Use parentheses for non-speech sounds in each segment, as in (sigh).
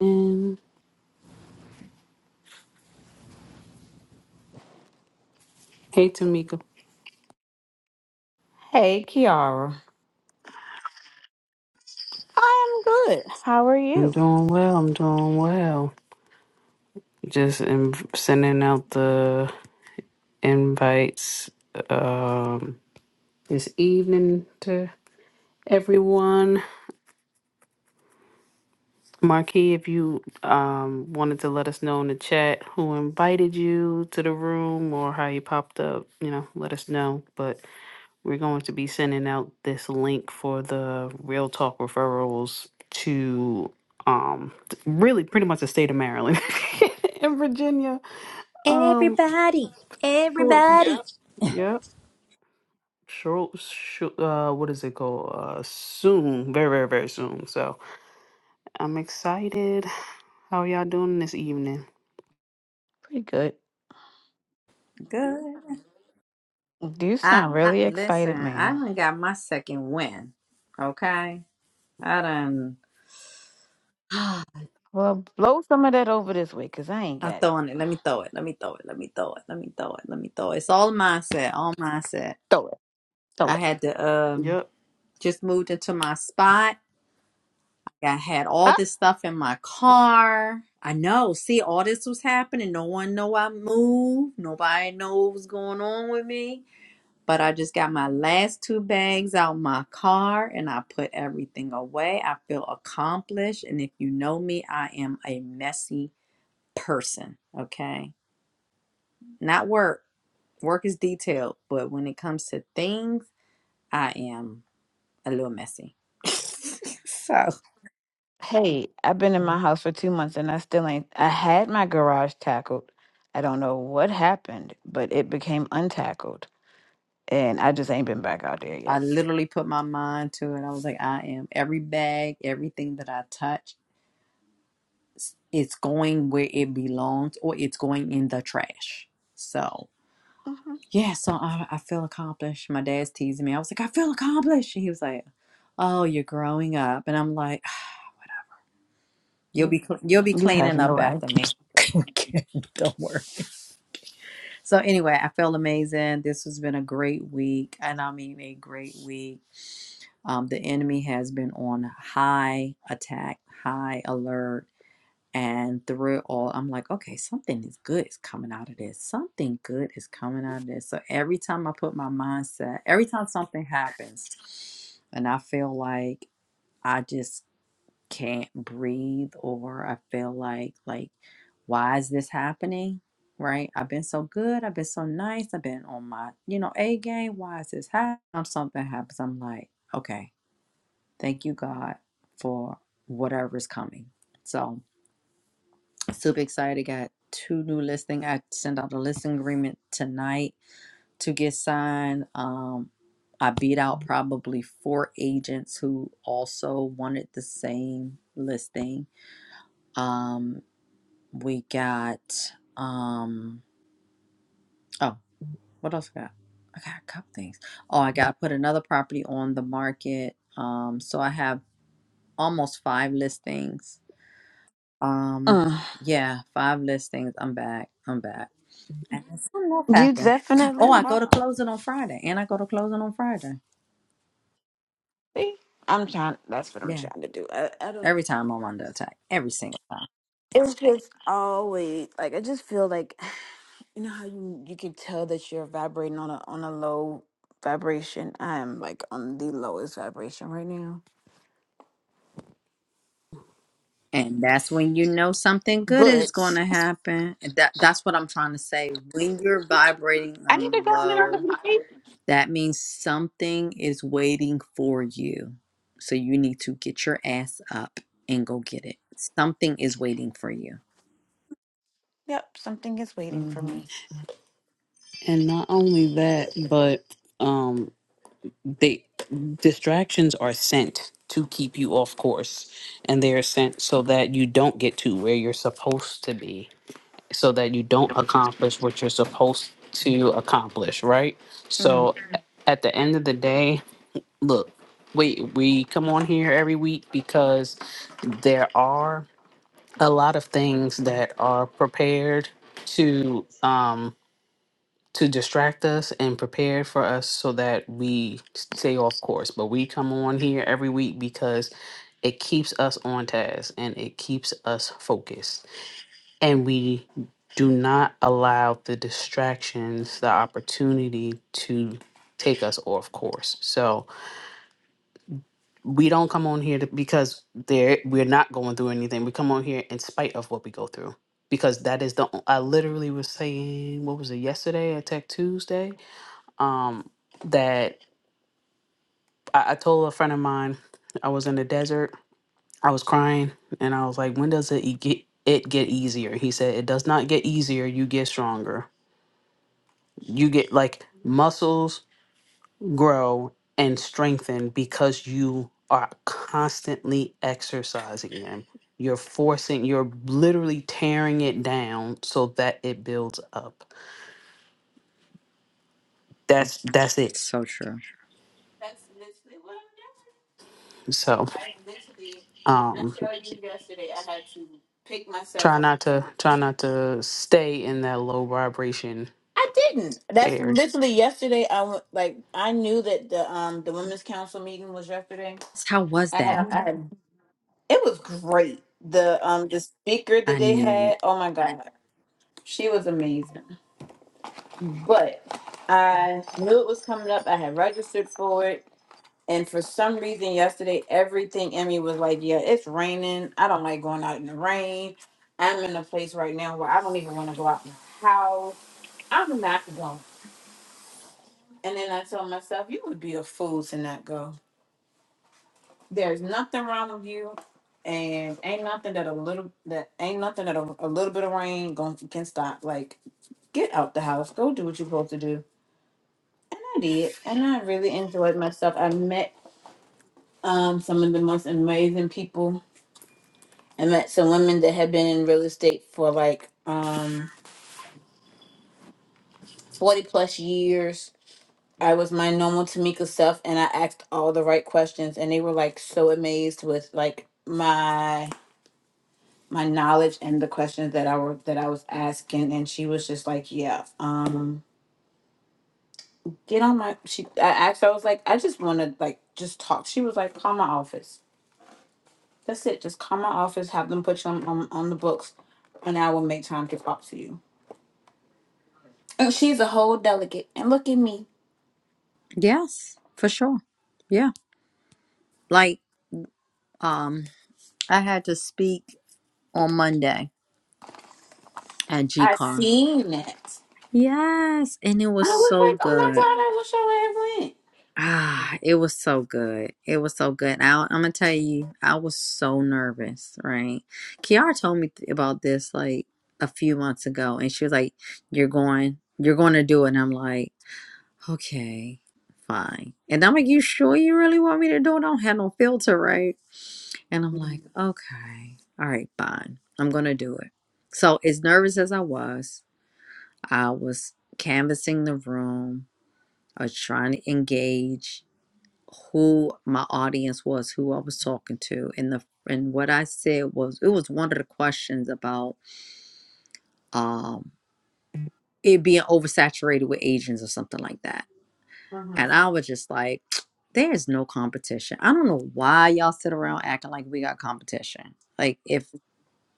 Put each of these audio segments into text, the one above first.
And hey, Tamika. Hey, Kiara. I'm good. How are I'm you? doing well. I'm doing well. Just in, sending out the invites um, this evening to everyone. Marquis, if you um, wanted to let us know in the chat who invited you to the room or how you popped up, you know, let us know. But We're going to be sending out this link for the Real Talk referrals to um th- really pretty much the state of Maryland (laughs) and Virginia. Um Everybody, short everybody. yep. Short, short uh what is it called? Uh soon. Very, very, very soon. So I'm excited. How y'all doing this evening? Pretty good. Good. You I sound I- really listen. excited, I ma'am. done got my second win. Okay, I done. Well, blow some of that over this way, cause I ain't I'm got it. throwing it. Let me throw it. Let me throw it. Let me throw it. Let me throw it. Let me throw it. It's all mindset. All mindset. Throw it, throw I it. had to um Yep. just moved into my spot. I had all Ah, this stuff in my car. I know. See, all this was happening. No one know I moved. Nobody know what was going on with me. But I just got my last two bags out my car and I put everything away. I feel accomplished. And if you know me, I am a messy person. Okay. Not work. Work is detailed. But when it comes to things, I am a little messy. (laughs) so hey, I've been in my house for two months and I still ain't. I had my garage tackled. I don't know what happened, but it became untackled. And I just ain't been back out there I yet. literally put my mind to it. I was like, I am every bag, everything that I touch, it's going where it belongs or it's going in the trash. So hmm yeah, so I, I feel accomplished. My dad's teasing me. I was like, I feel accomplished. And he was like, Oh, you're growing up. And I'm like, (sighs) You'll be cl- you'll be You have cleaning up no idea. after me. (laughs) Don't worry. So anyway, I felt amazing. This has been a great week, and I mean a great week. Um, the enemy has been on high attack, high alert And through it all, I'm like, okay, something is good is coming out of this. Something good is coming out of this. So every time I put my mindset, every time something happens, and I feel like I just can't breathe, or I feel like like why is this happening? Right? I've been so good. I've been so nice. I've been on my you know a game. Why is this happening? Something happens. I'm like, okay, thank you God for whatever's coming. So. Super excited. Got two new listing. I sent out the listing agreement tonight to get signed. Um, I beat out probably four agents who also wanted the same listing. Um, we got um oh, what else I got? I got a couple things. Oh, I got to put another property on the market. Um, so I have almost five listings. Um, Mm. yeah, five listings. I'm back. I'm back. And then something else You happened. definitely Oh, I go to are. closing on Friday, and I go to closing on Friday. See? I'm trying. That's what I'm Yeah, trying to do. I I don't. every time I'm under attack, every single time, It's just always like I just feel like (sighs) you know how you you can tell that you're vibrating on a on a low vibration. I am like on the lowest vibration right now. and that's when you know something good is But going to happen. And That that's what I'm trying to say. When you're vibrating I need to on go in another low, room. that means something is waiting for you. So you need to get your ass up and go get it. Something is waiting for you. Yep, something is waiting for hmm me. And not only that, but um They distractions are sent to keep you off course, and they are sent so that you don't get to where you're supposed to be, so that you don't accomplish what you're supposed to accomplish, right? Mm. So a- at the end of the day, look, we we come on here every week because there are a lot of things that are prepared to um to distract us and prepare for us so that we stay off course. But we come on here every week because it keeps us on task and it keeps us focused. And we do not allow the distractions the opportunity to take us off course. So we don't come on here to, because there we're not going through anything. We come on here in spite of what we go through because that is the o- I literally was saying what was it yesterday at Tech Tuesday um, that I, I told a friend of mine I was in the desert. I was crying, and I was like, "When does it e- get it get easier?" He said, "It does not get easier. You get stronger. You get like muscles grow and strengthen because you are constantly exercising them. You're forcing. You're literally tearing it down so that it builds up. That's that's it. So true. That's literally what I'm doing. Like So." I literally when I um, showed you yesterday I had to pick myself Try up not and to try not to stay in that low vibration I didn't. That's area. literally yesterday. I went like I knew that the um the women's council meeting was yesterday How was I that? had, I had it was great. The um the speaker that I they knew it. had, oh my god, she was amazing. But I knew it was coming up. I had registered for it. And for some reason yesterday, everything in me was like, yeah, it's raining. I don't like going out in the rain. I'm in a place right now where I don't even want to go out my house. I'm not going. And then I told myself, you would be a fool to not go. There's nothing wrong with you, and ain't nothing that a little that ain't nothing that a, a little bit of rain gon can stop. Like, get out the house, go do what you're supposed to do. And I did, and I really enjoyed myself. I met um some of the most amazing people. I met some women that had been in real estate for like um forty plus years. I was my normal Tamika self, and I asked all the right questions, and they were like so amazed with like my my knowledge and the questions that I were that I was asking, and she was just like, "Yeah, um, get on my." She I asked, her, I was like, "I just want to like just talk." She was like, "Call my office. That's it. Just call my office. Have them put you on on, on the books, and I will make time to talk to you." And she's a whole delegate, and look at me. Yes, for sure. Yeah. Like, um, I had to speak on Monday at G I Car. seen it. Yes, and it I was was so like, "Oh my good. god, I wish Ah, it was so good. It was so good. I, I'm gonna tell you, I was so nervous, right? Kiara told me th- about this like a few months ago, and she was like, "You're going, you're going to do it." And I'm like, "Okay, fine." And I'm like, "You sure you really want me to do it? I don't have no filter, right?" And I'm I would have like, okay, all right, fine. I'm going to do it. So, as nervous as I was, I was canvassing the room. I was trying to engage who my audience was, who I was talking to. And the and what I said was it was one of the questions about um it being oversaturated with Asians or something like that. went." And I was just like, (tsk) there is no competition. I don't know why y'all sit around acting like we got competition. Like if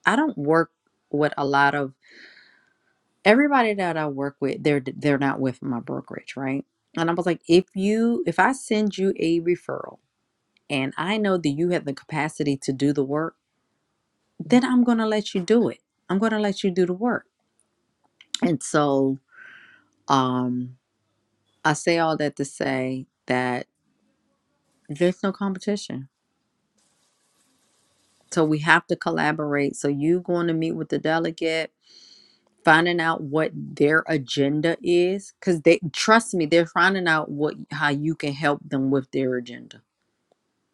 I don't work with a lot of everybody that I work with. They're they're not with my brokerage, right? And I was like, if you if I send you a referral and I know that you have the capacity to do the work, then I'm gonna let you do it. I'm gonna let you do the work. And so um, I say all that to say that there's no competition. So we have to collaborate. So you going to meet with the delegate finding out what their agenda is because they trust me they're finding out what how you can help them with their agenda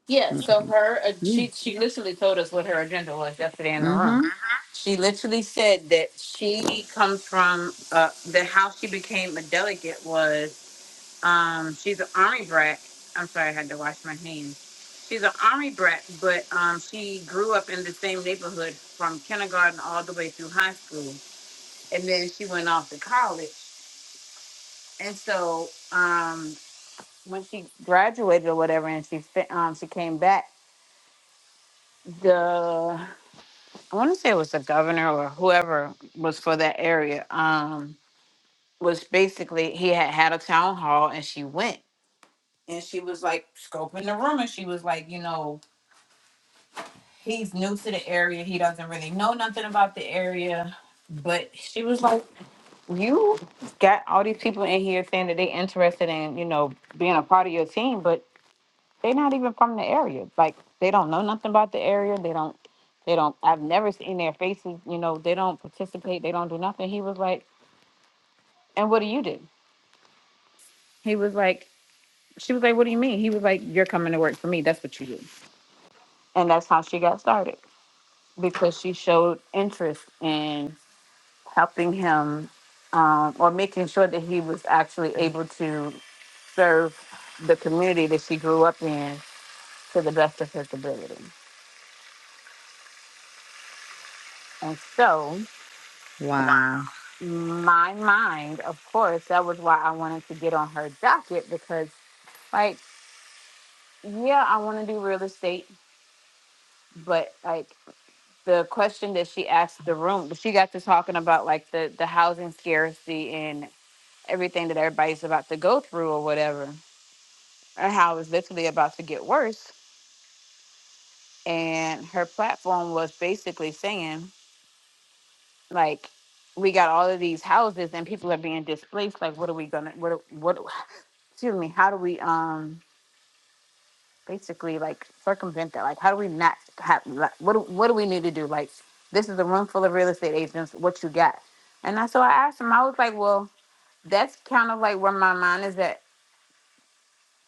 Yeah, so okay her uh, yeah she she literally told us what her agenda was yesterday in the room. mm-hmm She literally said that she comes from uh that how she became a delegate was um she's an army brat. I'm sorry, I had to wash my hands. She's an army brat, but um she grew up in the same neighborhood from kindergarten all the way through high school, and then she went off to college. And so um when she graduated or whatever, and she fi- um she came back. The I want to say it was the governor or whoever was for that area. Um, was basically he had had a town hall and she went and she was like scoping the room and she was like, you know, he's new to the area. He doesn't really know nothing about the area. But she was like, you got all these people in here saying that they interested in, you know, being a part of your team, but They're not even from the area. Like they don't know nothing about the area. They don't. They don't. I've never seen their faces. You know, they don't participate. They don't do nothing. He was like, and what do you do? He was like, she was like, what do you mean? He was like, you're coming to work for me. That's what you do. And that's how she got started because she showed interest in helping him um, or making sure that he was actually able to serve the community that she grew up in to the best of his ability. And so wow my mind, of course. That was why I wanted to get on her docket because, like, yeah, I want to do real estate, but like the question that she asked the room, she got to talking about like the the housing scarcity and everything that everybody's about to go through or whatever, and how it's literally about to get worse. And her platform was basically saying like. We got all of these houses and people are being displaced. Like, what are we gonna? What? What? Excuse me. How do we? Um basically like circumvent that? Like, how do we not have? Like, what do, what do we need to do? Like, this is a room full of real estate agents. What you got? And that's so I asked him. I was like, well, that's kind of like where my mind is at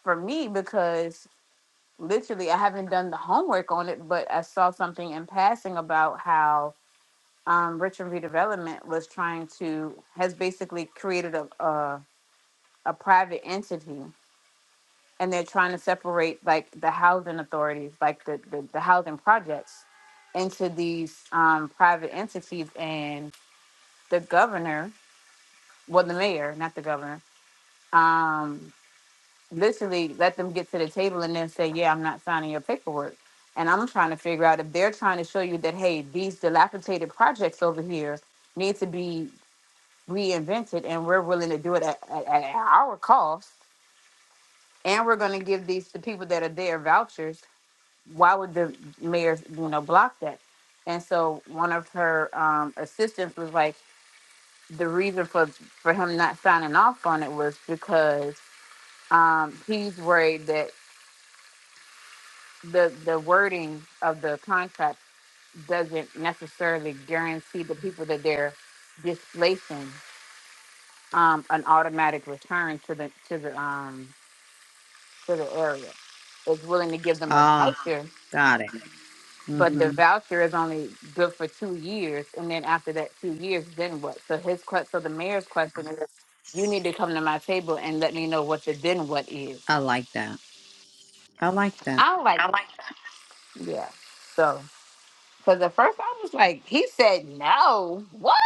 for me because literally I haven't done the homework on it, but I saw something in passing about how um, Richmond Redevelopment was trying to has basically created a a, a private entity and they're trying to separate like the housing authorities, like the the, the housing projects, into these um, private entities. And the governor, well, the mayor, not the governor, um, literally let them get to the table and then say, "Yeah, I'm not signing your paperwork." And I'm trying to figure out if they're trying to show you that, hey, these dilapidated projects over here need to be reinvented, and we're willing to do it at, at, at our cost, and we're going to give these to people that are there vouchers why would the mayor you know block that and so one of her um assistants was like the reason for for him not signing off on it was because um he's worried that the the wording of the contract doesn't necessarily guarantee the people that they're displacing um an automatic return to the to the um to the area it's willing to give them a ah voucher got it But the mm-hmm voucher is only good for two years, and then after that two years, then what? So his que- so the mayor's question is, you need to come to my table and let me know what the then what is. i like that i like that I don't like, that. yeah. So, because at first I was like, he said no, what?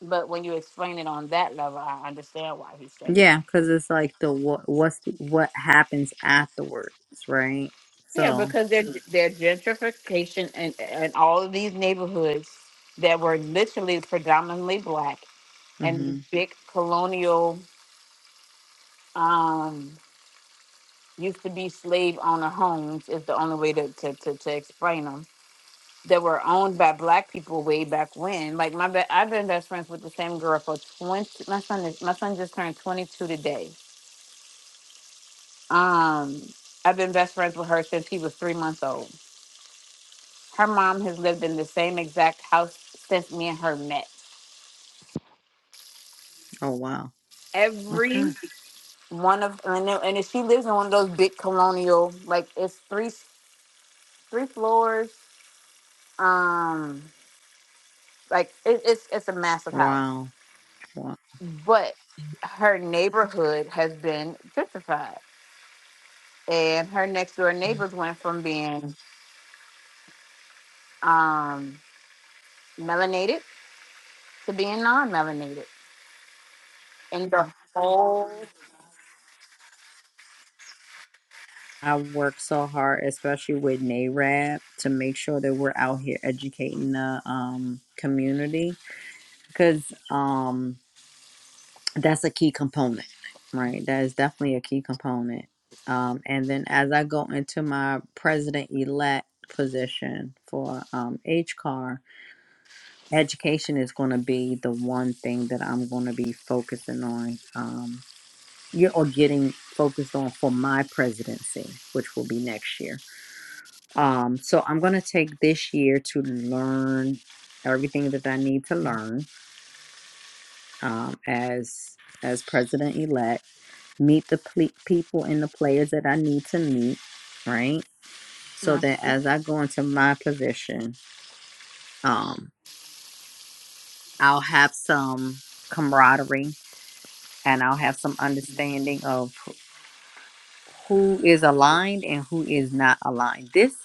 But when you explain it on that level, I understand why he said no. yeah because it's like the what what's the, what happens afterwards right Yeah, so because they're they're gentrification and and all of these neighborhoods that were literally predominantly black and these mm-hmm big colonial. um, used to be slave owner homes is the only way to, to, to, to explain them that were owned by black people way back when. Like my be- I've been best friends with the same girl for 20 my son is my son just turned 22 today. Um I've been best friends with her since he was 3 months old. Her mom has lived in the same exact house since me and her met. oh wow okay Every one of and, then- and then she lives in one of those big colonial like it's three three floors. Um Like it, it's it's a massive house, wow wow but her neighborhood has been gentrified, and her next door neighbors went from being um, melanated to being non-melanated, and the whole. I work so hard, especially with NARAB, to make sure that we're out here educating the um, community because um, that's a key component, right? That is definitely a key component. Um, and then as I go into my president elect position for um, HCAR, education is going to be the one thing that I'm going to be focusing on um, yeah, or getting focused on for my presidency, which will be next year. Um, so I'm gonna take this year to learn everything that I need to learn um, as as president elect. Meet the ple- people and the players that I need to meet, right? So that Mhm, as I go into my position, um, I'll have some camaraderie and I'll have some understanding of who is aligned and who is not aligned. This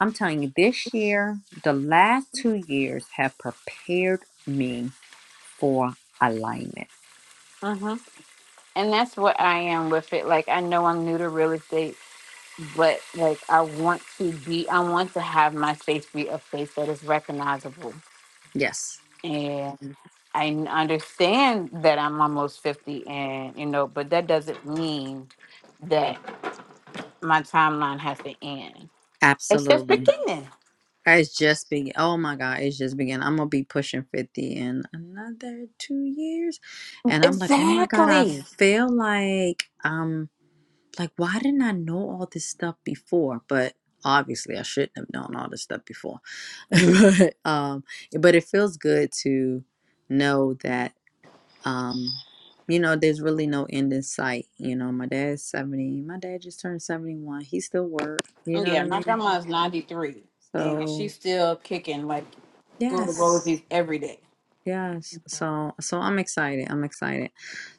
I'm telling you, this year, the last two years have prepared me for alignment. mhm. And that's what I am with it. Like I know I'm new to real estate, but like I want to be, I want to have my space be a space that is recognizable Yes, and I n- understand that I'm almost 50 and you know, but that doesn't mean that my timeline has to end. It's just absolutely. beginning. It's just beginning. Oh my God, it's just beginning. I'm gonna be pushing fifty in another two years, and I'm like, oh my God, I Exactly. feel like um, like why didn't I know all this stuff before? But obviously, I shouldn't have known all this stuff before. (laughs) but um, but it feels good to know that um you know there's really no end in sight you know my dad's 70 my dad just turned 71 he still work you know what Yeah, i my mean grandma's 93 and so she's still kicking like go to yes Rosie's every day. yes so so i'm excited i'm excited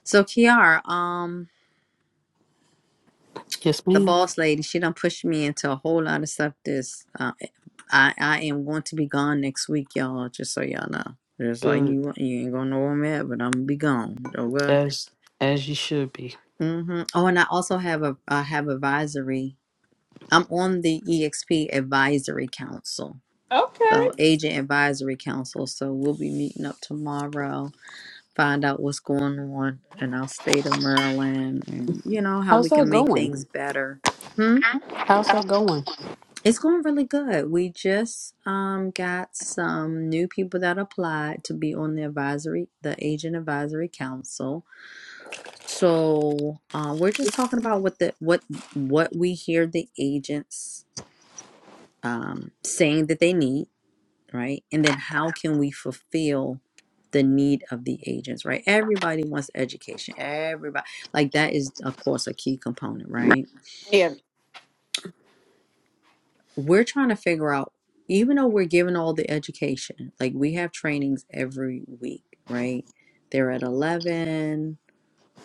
so kiara um Yes, the ma'am. boss lady she done pushed me into a whole lot of stuff this uh, i i am going to be gone next week y'all just so y'all know just like Good. you you ain't gonna know where i'm at but i'm gonna be gone oh well As as you should be. hmm oh and i also have a i have advisory I'm on the EXP Advisory Council. Okay. So, Agent Advisory Council. So, we'll be meeting up tomorrow, find out what's going on in our state of Maryland and, you know, how How's we can that make going? things better. Hmm? How's that going? It's going really good. We just um, got some new people that applied to be on the advisory, the Agent Advisory Council. So, uh, we're just talking about what the what what we hear the agents um, saying that they need right? And then how can we fulfill the need of the agents, right? Everybody wants education. Everybody, like that is, of course, a key component, right? Yeah. We're trying to figure out, even though we're given all the education, like we have trainings every week, right? They're at 11.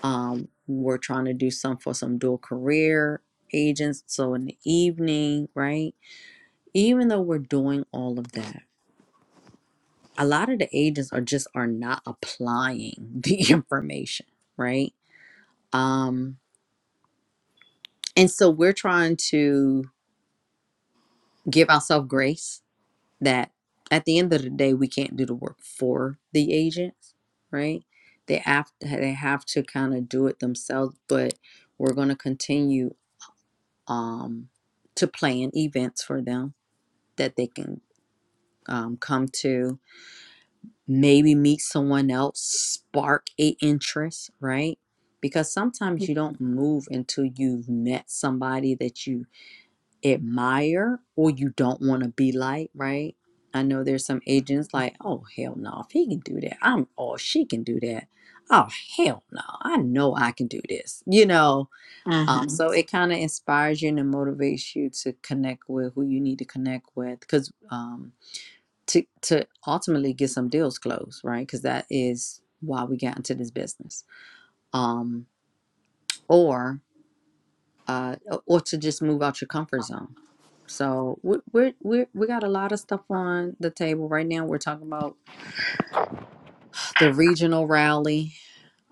Um, we're trying to do some for some dual career agents. So in the evening, right? Even though we're doing all of that, a lot of the agents are just are not applying (laughs) the information right um and so we're trying to give ourselves grace that at the end of the day we can't do the work for the agents right they have to, they have to kind of do it themselves but we're going to continue um to plan events for them that they can um, come to maybe meet someone else, spark a interest, right? Because sometimes you don't move until you've met somebody that you admire or you don't want to be like, right? I know there's some agents like, oh hell no, if he can do that, I'm or she can do that. Oh hell no, I know I can do this. You know, um, hmm so it kind of inspires you and it motivates you to connect with who you need to connect with, because um to to ultimately get some deals closed, right? Because that is why we got into this business, um, or uh, or to just move out your comfort zone. So we we we we got a lot of stuff on the table right now. We're talking about the regional rally,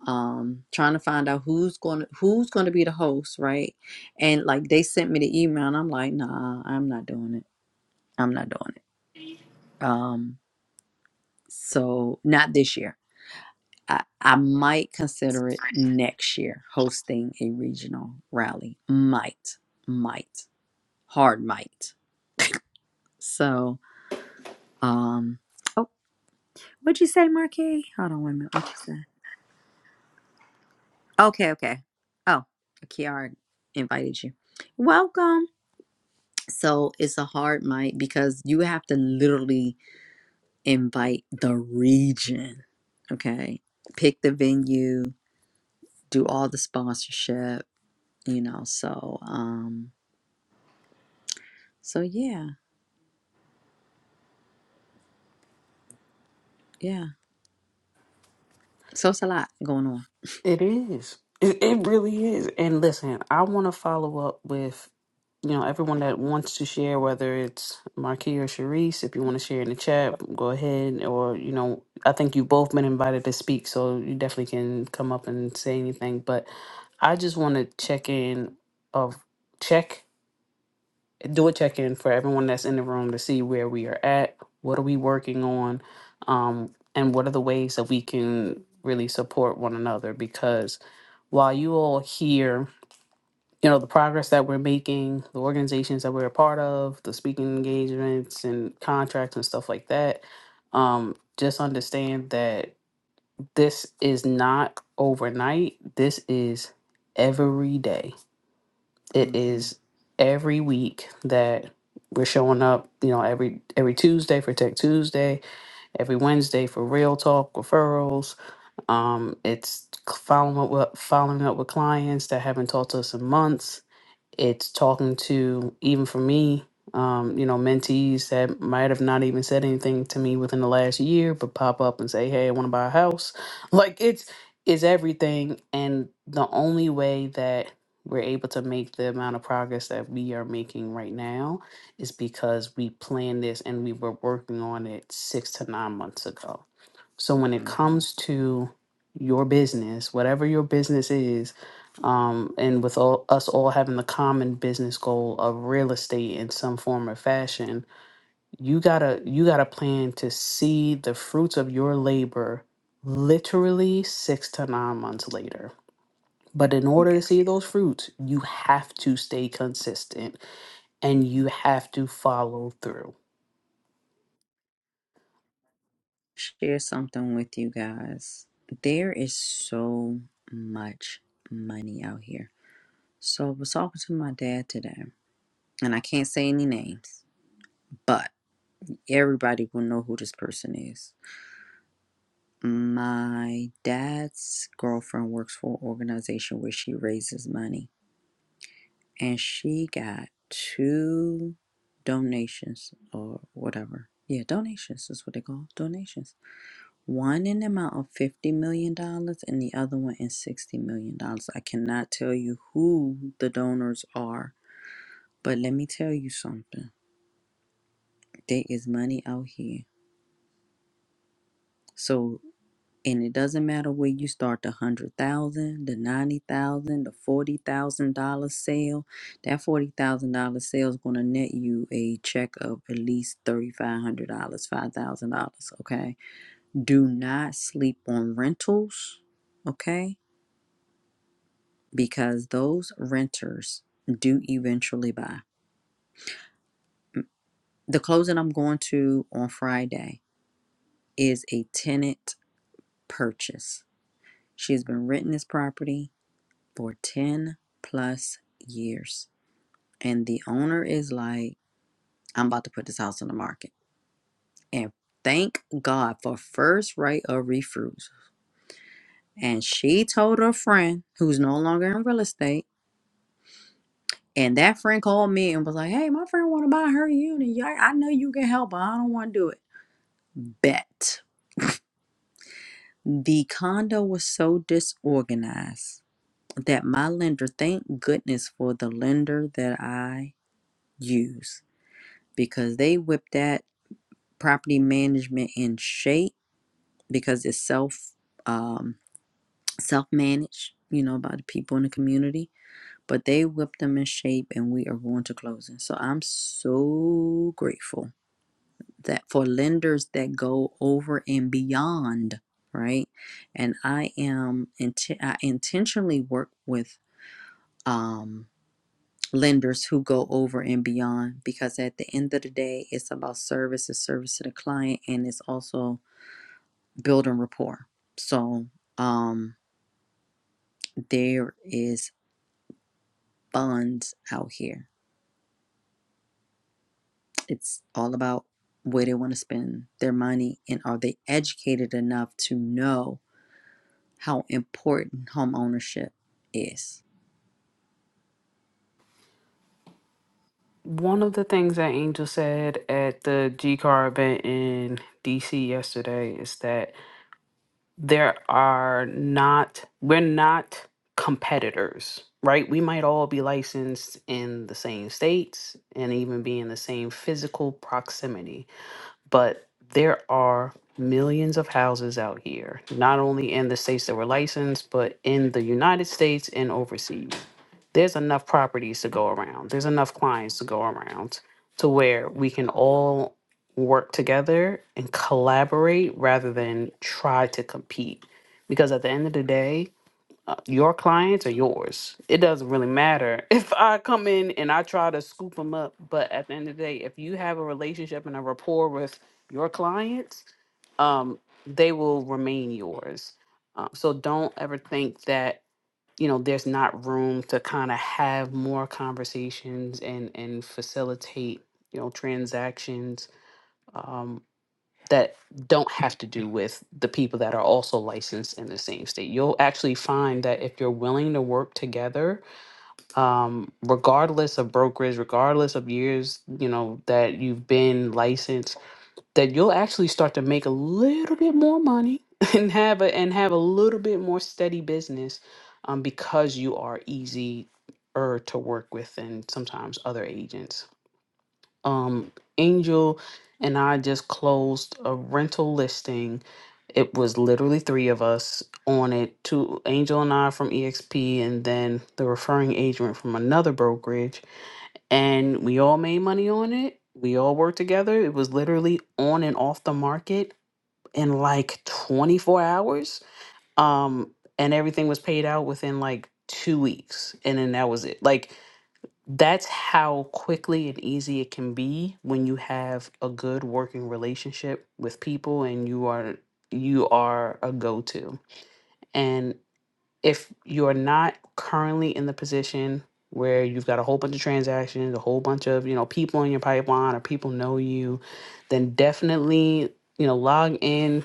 um, trying to find out who's going to who's going to be the host, right? And like they sent me the email, and I'm like, nah, I'm not doing it. I'm not doing it. Um, so not this year I, I might consider it next year hosting a regional rally. Might, might, hard might. So, um, oh, what'd you say, Marquis? Hold on, wait a minute. What'd you say? Okay, okay. Oh, Kiara invited you. Welcome. So it's a hard might because you have to literally invite the region. Okay, pick the venue, do all the sponsorship. You know, so um So yeah, yeah. So it's a lot going on. It is. It, it really is. And listen, I want to follow up with you know everyone that wants to share, whether it's Marquis or Sharice. If you want to share in the chat, go ahead. Or you know, I think you both been invited to speak, so you definitely can come up and say anything. But I just want to check in of check do a check in for everyone that's in the room to see where we are at, what are we working on, um, and what are the ways that we can really support one another. Because while you all hear, you know, the progress that we're making, the organizations that we're a part of, the speaking engagements and contracts and stuff like that, um, just understand that this is not overnight. This is every day it Mm-hmm, is every week that we're showing up you know every every tuesday for tech tuesday every wednesday for real talk referrals um it's following up with following up with clients that haven't talked to us in months it's talking to, even for me, um, you know, mentees that might have not even said anything to me within the last year, but pop up and say, hey, I want to buy a house. (laughs) Like it's, it's everything. And the only way that we're able to make the amount of progress that we are making right now is because we planned this and we were working on it six to nine months ago so when it mm-hmm. comes to your business, whatever your business is, um, and with all, us all having the common business goal of real estate in some form or fashion, you gotta you gotta plan to see the fruits of your labor literally six to nine months later. But in order to Yeah. see those fruits, you have to stay consistent and you have to follow through. Share something with you guys. There is so much money out here. So I was talking to my dad today, and I can't say any names, but everybody will know who this person is. My dad's girlfriend works for an organization where she raises money and she got two donations or whatever. Yeah, donations is what they call donations. One in the amount of fifty million dollars, and the other one in sixty million dollars. I cannot tell you who the donors are, but let me tell you something. There is money out here. So And it doesn't matter where you start the hundred thousand, the ninety thousand, the forty thousand dollar sale. That forty thousand dollar sale is gonna net you a check of at least thirty five hundred dollars, five thousand dollars. Okay. Do not sleep on rentals, okay? Because those renters do eventually buy. The closing I'm going to on Friday is a tenant purchase. She has been renting this property for 10 plus years. And the owner is like, I'm about to put this house on the market. And thank God for first right of refusal. And she told her friend, who's no longer in real estate, and that friend called me and was like, Hey, my friend want to buy her unit. Yeah, I I know you can help, but I don't want to do it. Bet. The condo was so disorganized that my lender, thank goodness for the lender that I use because they whipped that property management in shape because it's self um, self managed, you know, by the people in the community. But they whipped them in shape, and we are going to closing. So I'm so grateful that for lenders that go over and beyond, right? And I am int- I intentionally work with um, lenders who go over and beyond because at the end of the day, it's about service, it's service to the client, and it's also building rapport. So um, there is funds out here. It's all about where they want to spend their money and are they educated enough to know how important home ownership is. One of the things that Angel said at the G Car event in DC yesterday is that there are not, we're not competitors, right? We might all be licensed in the same states and even be in the same physical proximity, but there are millions of houses out here, not only in the states that we're licensed, but in the United States and overseas there's enough properties to go around. There's enough clients to go around to where we can all work together and collaborate rather than try to compete. Because at the end of the day, uh, your clients are yours. It doesn't really matter (laughs) if I come in and I try to scoop them up. But at the end of the day, if you have a relationship and a rapport with your clients, um, they will remain yours. Um, so don't ever think that you know there's not room to kind of have more conversations and and facilitate you know transactions um, that don't have to do with the people that are also licensed in the same state you'll actually find that if you're willing to work together um, regardless of brokerage regardless of years you know that you've been licensed that you'll actually start to make a little bit more money (laughs) and have a and have a little bit more steady business um, because you are easier to work with than sometimes other agents. Um, Angel and I just closed a rental listing. It was literally three of us on it. Two Angel and I from EXP, and then the referring agent from another brokerage and we all made money on it. We all worked together. It was literally on and off the market in like 24 hours. Um, and everything was paid out within like two weeks. And then that was it. Like, that's how quickly and easy it can be when you have a good working relationship with people and you are you are a go-to. and if you're not currently in the position where you've got a whole bunch of transactions, a whole bunch of, you know, people in your pipeline or people know you, then definitely, you know, log in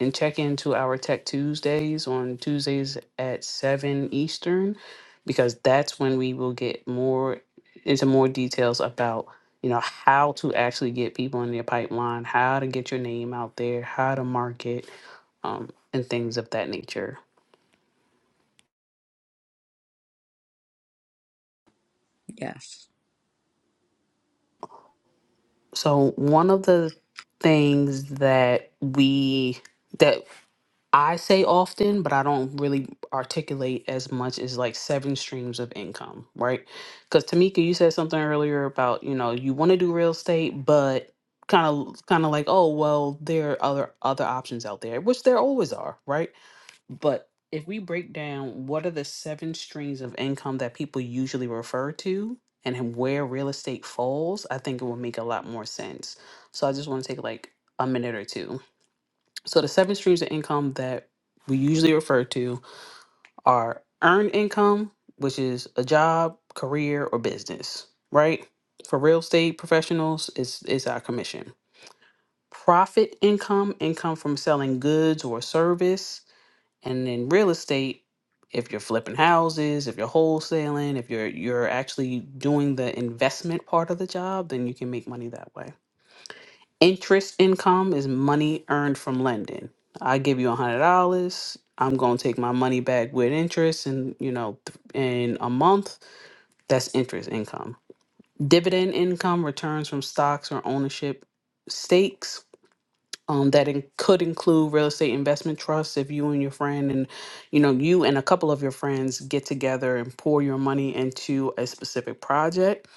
and check into our Tech Tuesdays on Tuesdays at 7 Eastern because that's when we will get more into more details about, you know, how to actually get people in your pipeline, how to get your name out there, how to market, um, and things of that nature. Yes. So one of the things that we that I say often, but I don't really articulate as much is like seven streams of income, right? Because Tamika, you said something earlier about you know you want to do real estate, but kind of kind of like oh well, there are other other options out there, which there always are, right? But if we break down what are the seven streams of income that people usually refer to and where real estate falls, I think it will make a lot more sense. So I just want to take like a minute or two. So the seven streams of income that we usually refer to are earned income, which is a job, career, or business, right? For real estate professionals, it's, it's our commission. Profit income, income from selling goods or service and in real estate, if you're flipping houses, if you're wholesaling, if you're you're actually doing the investment part of the job, then you can make money that way. Interest income is money earned from lending. I give you a hundred dollars. I'm gonna take my money back with interest, and you know, th- in a month, that's interest income. Dividend income returns from stocks or ownership stakes um, that in- could include real estate investment trusts if you and your friend and you know you and a couple of your friends get together and pour your money into a specific project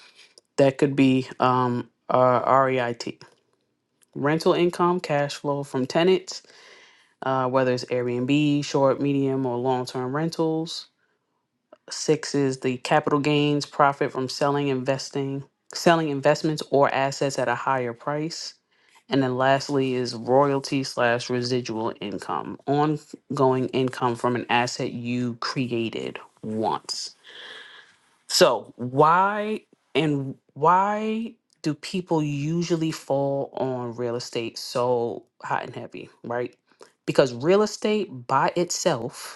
that could be um, uh, reit rental income cash flow from tenants uh, whether it's airbnb short medium or long-term rentals Six is the capital gains profit from selling, investing, selling investments or assets at a higher price. And then lastly is royalty slash residual income, ongoing income from an asset you created once. So why and why do people usually fall on real estate so hot and heavy, right? Because real estate by itself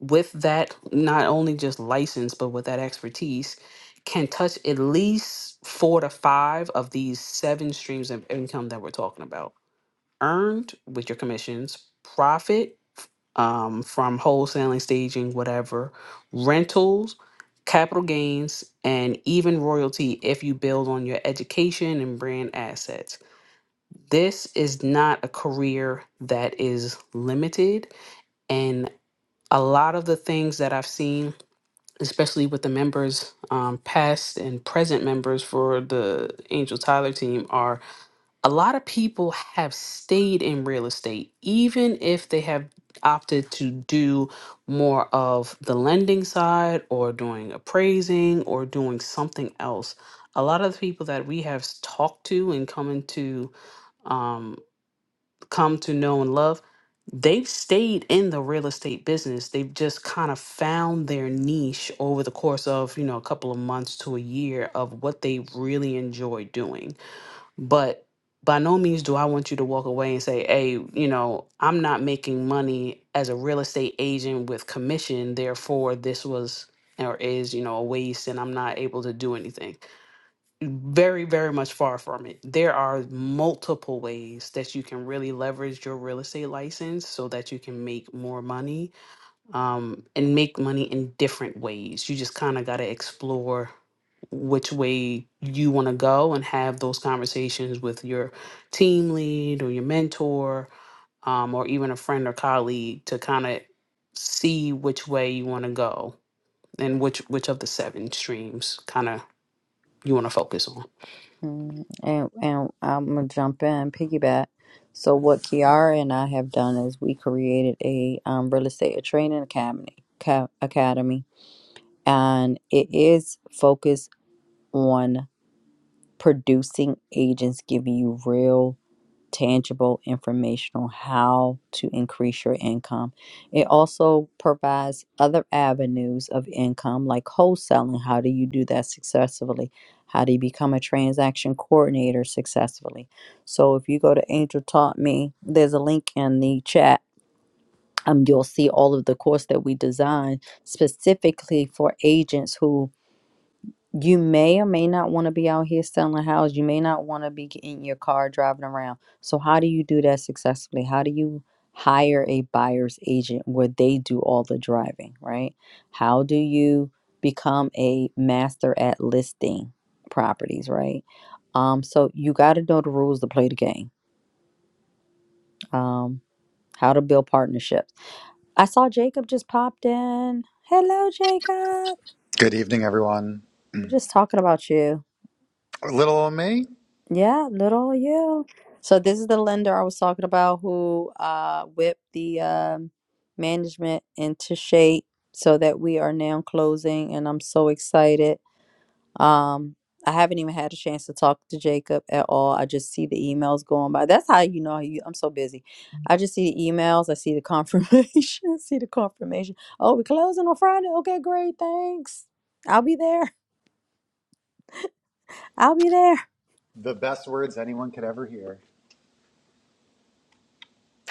with that not only just license but with that expertise can touch at least four to five of these seven streams of income that we're talking about earned with your commissions profit um, from wholesaling staging whatever rentals capital gains and even royalty if you build on your education and brand assets this is not a career that is limited and a lot of the things that i've seen especially with the members, um, past and present members for the Angel Tyler team, are a lot of people have stayed in real estate, even if they have opted to do more of the lending side or doing appraising or doing something else. A lot of the people that we have s- talked to and come into um, come to know and love, they've stayed in the real estate business. They've just kind of found their niche over the course of, you know, a couple of months to a year of what they really enjoy doing. But by no means do I want you to walk away and say, hey, you know, I'm not making money as a real estate agent with commission. Therefore, this was or is, you know, a waste and I'm not able to do anything very very much far from it there are multiple ways that you can really leverage your real estate license so that you can make more money um, and make money in different ways you just kind of got to explore which way you want to go and have those conversations with your team lead or your mentor um, or even a friend or colleague to kind of see which way you want to go and which which of the seven streams kind of you want to focus on Mm, And, and I'm gonna jump in piggyback. So what Kiara and I have done is we created a um, real estate training academy, ca- academy, and it is focused on. producing agents giving you real tangible information on how to increase your income it also provides other avenues of income like wholesaling how do you do that successfully how do you become a transaction coordinator successfully so if you go to angel taught me there's a link in the chat um, you'll see all of the course that we designed specifically for agents who. You may or may not want to be out here selling houses. You may not want to be in your car driving around. So, how do you do that successfully? How do you hire a buyer's agent where they do all the driving, right? How do you become a master at listing properties, right? Um, so, you got to know the rules to play the game, um, how to build partnerships. I saw Jacob just popped in. Hello, Jacob. Good evening, everyone. We're just talking about you. Little old me, Yeah, little yeah. So this is the lender I was talking about who uh whipped the um management into shape so that we are now closing and I'm so excited. Um I haven't even had a chance to talk to Jacob at all. I just see the emails going by. That's how you know you, I'm so busy. I just see the emails, I see the confirmation, (laughs) I see the confirmation. Oh, we're closing on Friday. Okay, great. Thanks. I'll be there. I'll be there. the best words anyone could ever hear.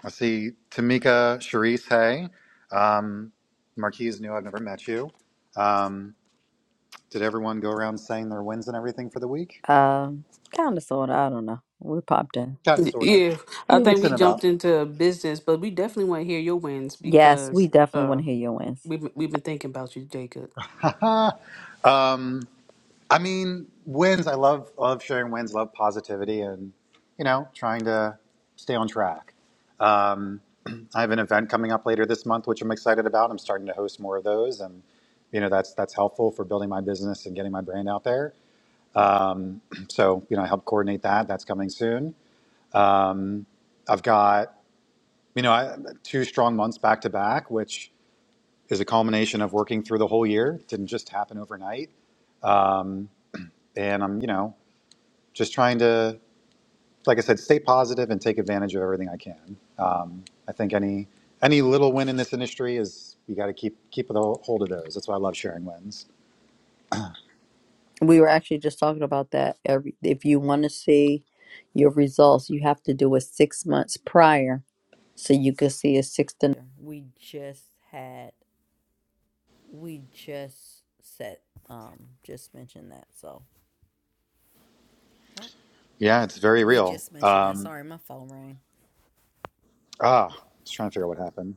I see Tamika, Sharice, hey. Um, Marquise knew I've never met you. Um, did everyone go around saying their wins and everything for the week? Um kind of sort of, I don't know. We popped in. Kind of, sort of. Yeah, I Yeah. think we Mixing it jumped up. into business, but we definitely want to hear your wins Yes, because we definitely want uh to hear your wins. we've been- we've been thinking about you, Jacob. (laughs) Haha. um, I mean, wins. I love, love sharing wins, love positivity, and, you know, trying to stay on track. Um, (clears throat) I have an event coming up later this month, which I'm excited about. I'm starting to host more of those, and you know that's that's helpful for building my business and getting my brand out there. (clears throat) So you know, I help coordinate that. That's coming soon. I've got you know I, two strong months back to back, which is a culmination of working through the whole year. It didn't just happen overnight, um, and I'm you know just trying to like I said, stay positive and take advantage of everything I can. Um, I think any any little win in this industry is you got to keep keep a hold of those. That's why I love sharing wins. We were actually just talking about that. Every if you want to see your results, you have to do it six months prior, so you can see a six to. We just had. We just said. Um, just mentioned that. So. Yep. Yeah, it's very We real. just mentioned that. Um, Sorry, my phone rang. ah, just trying to figure out what happened.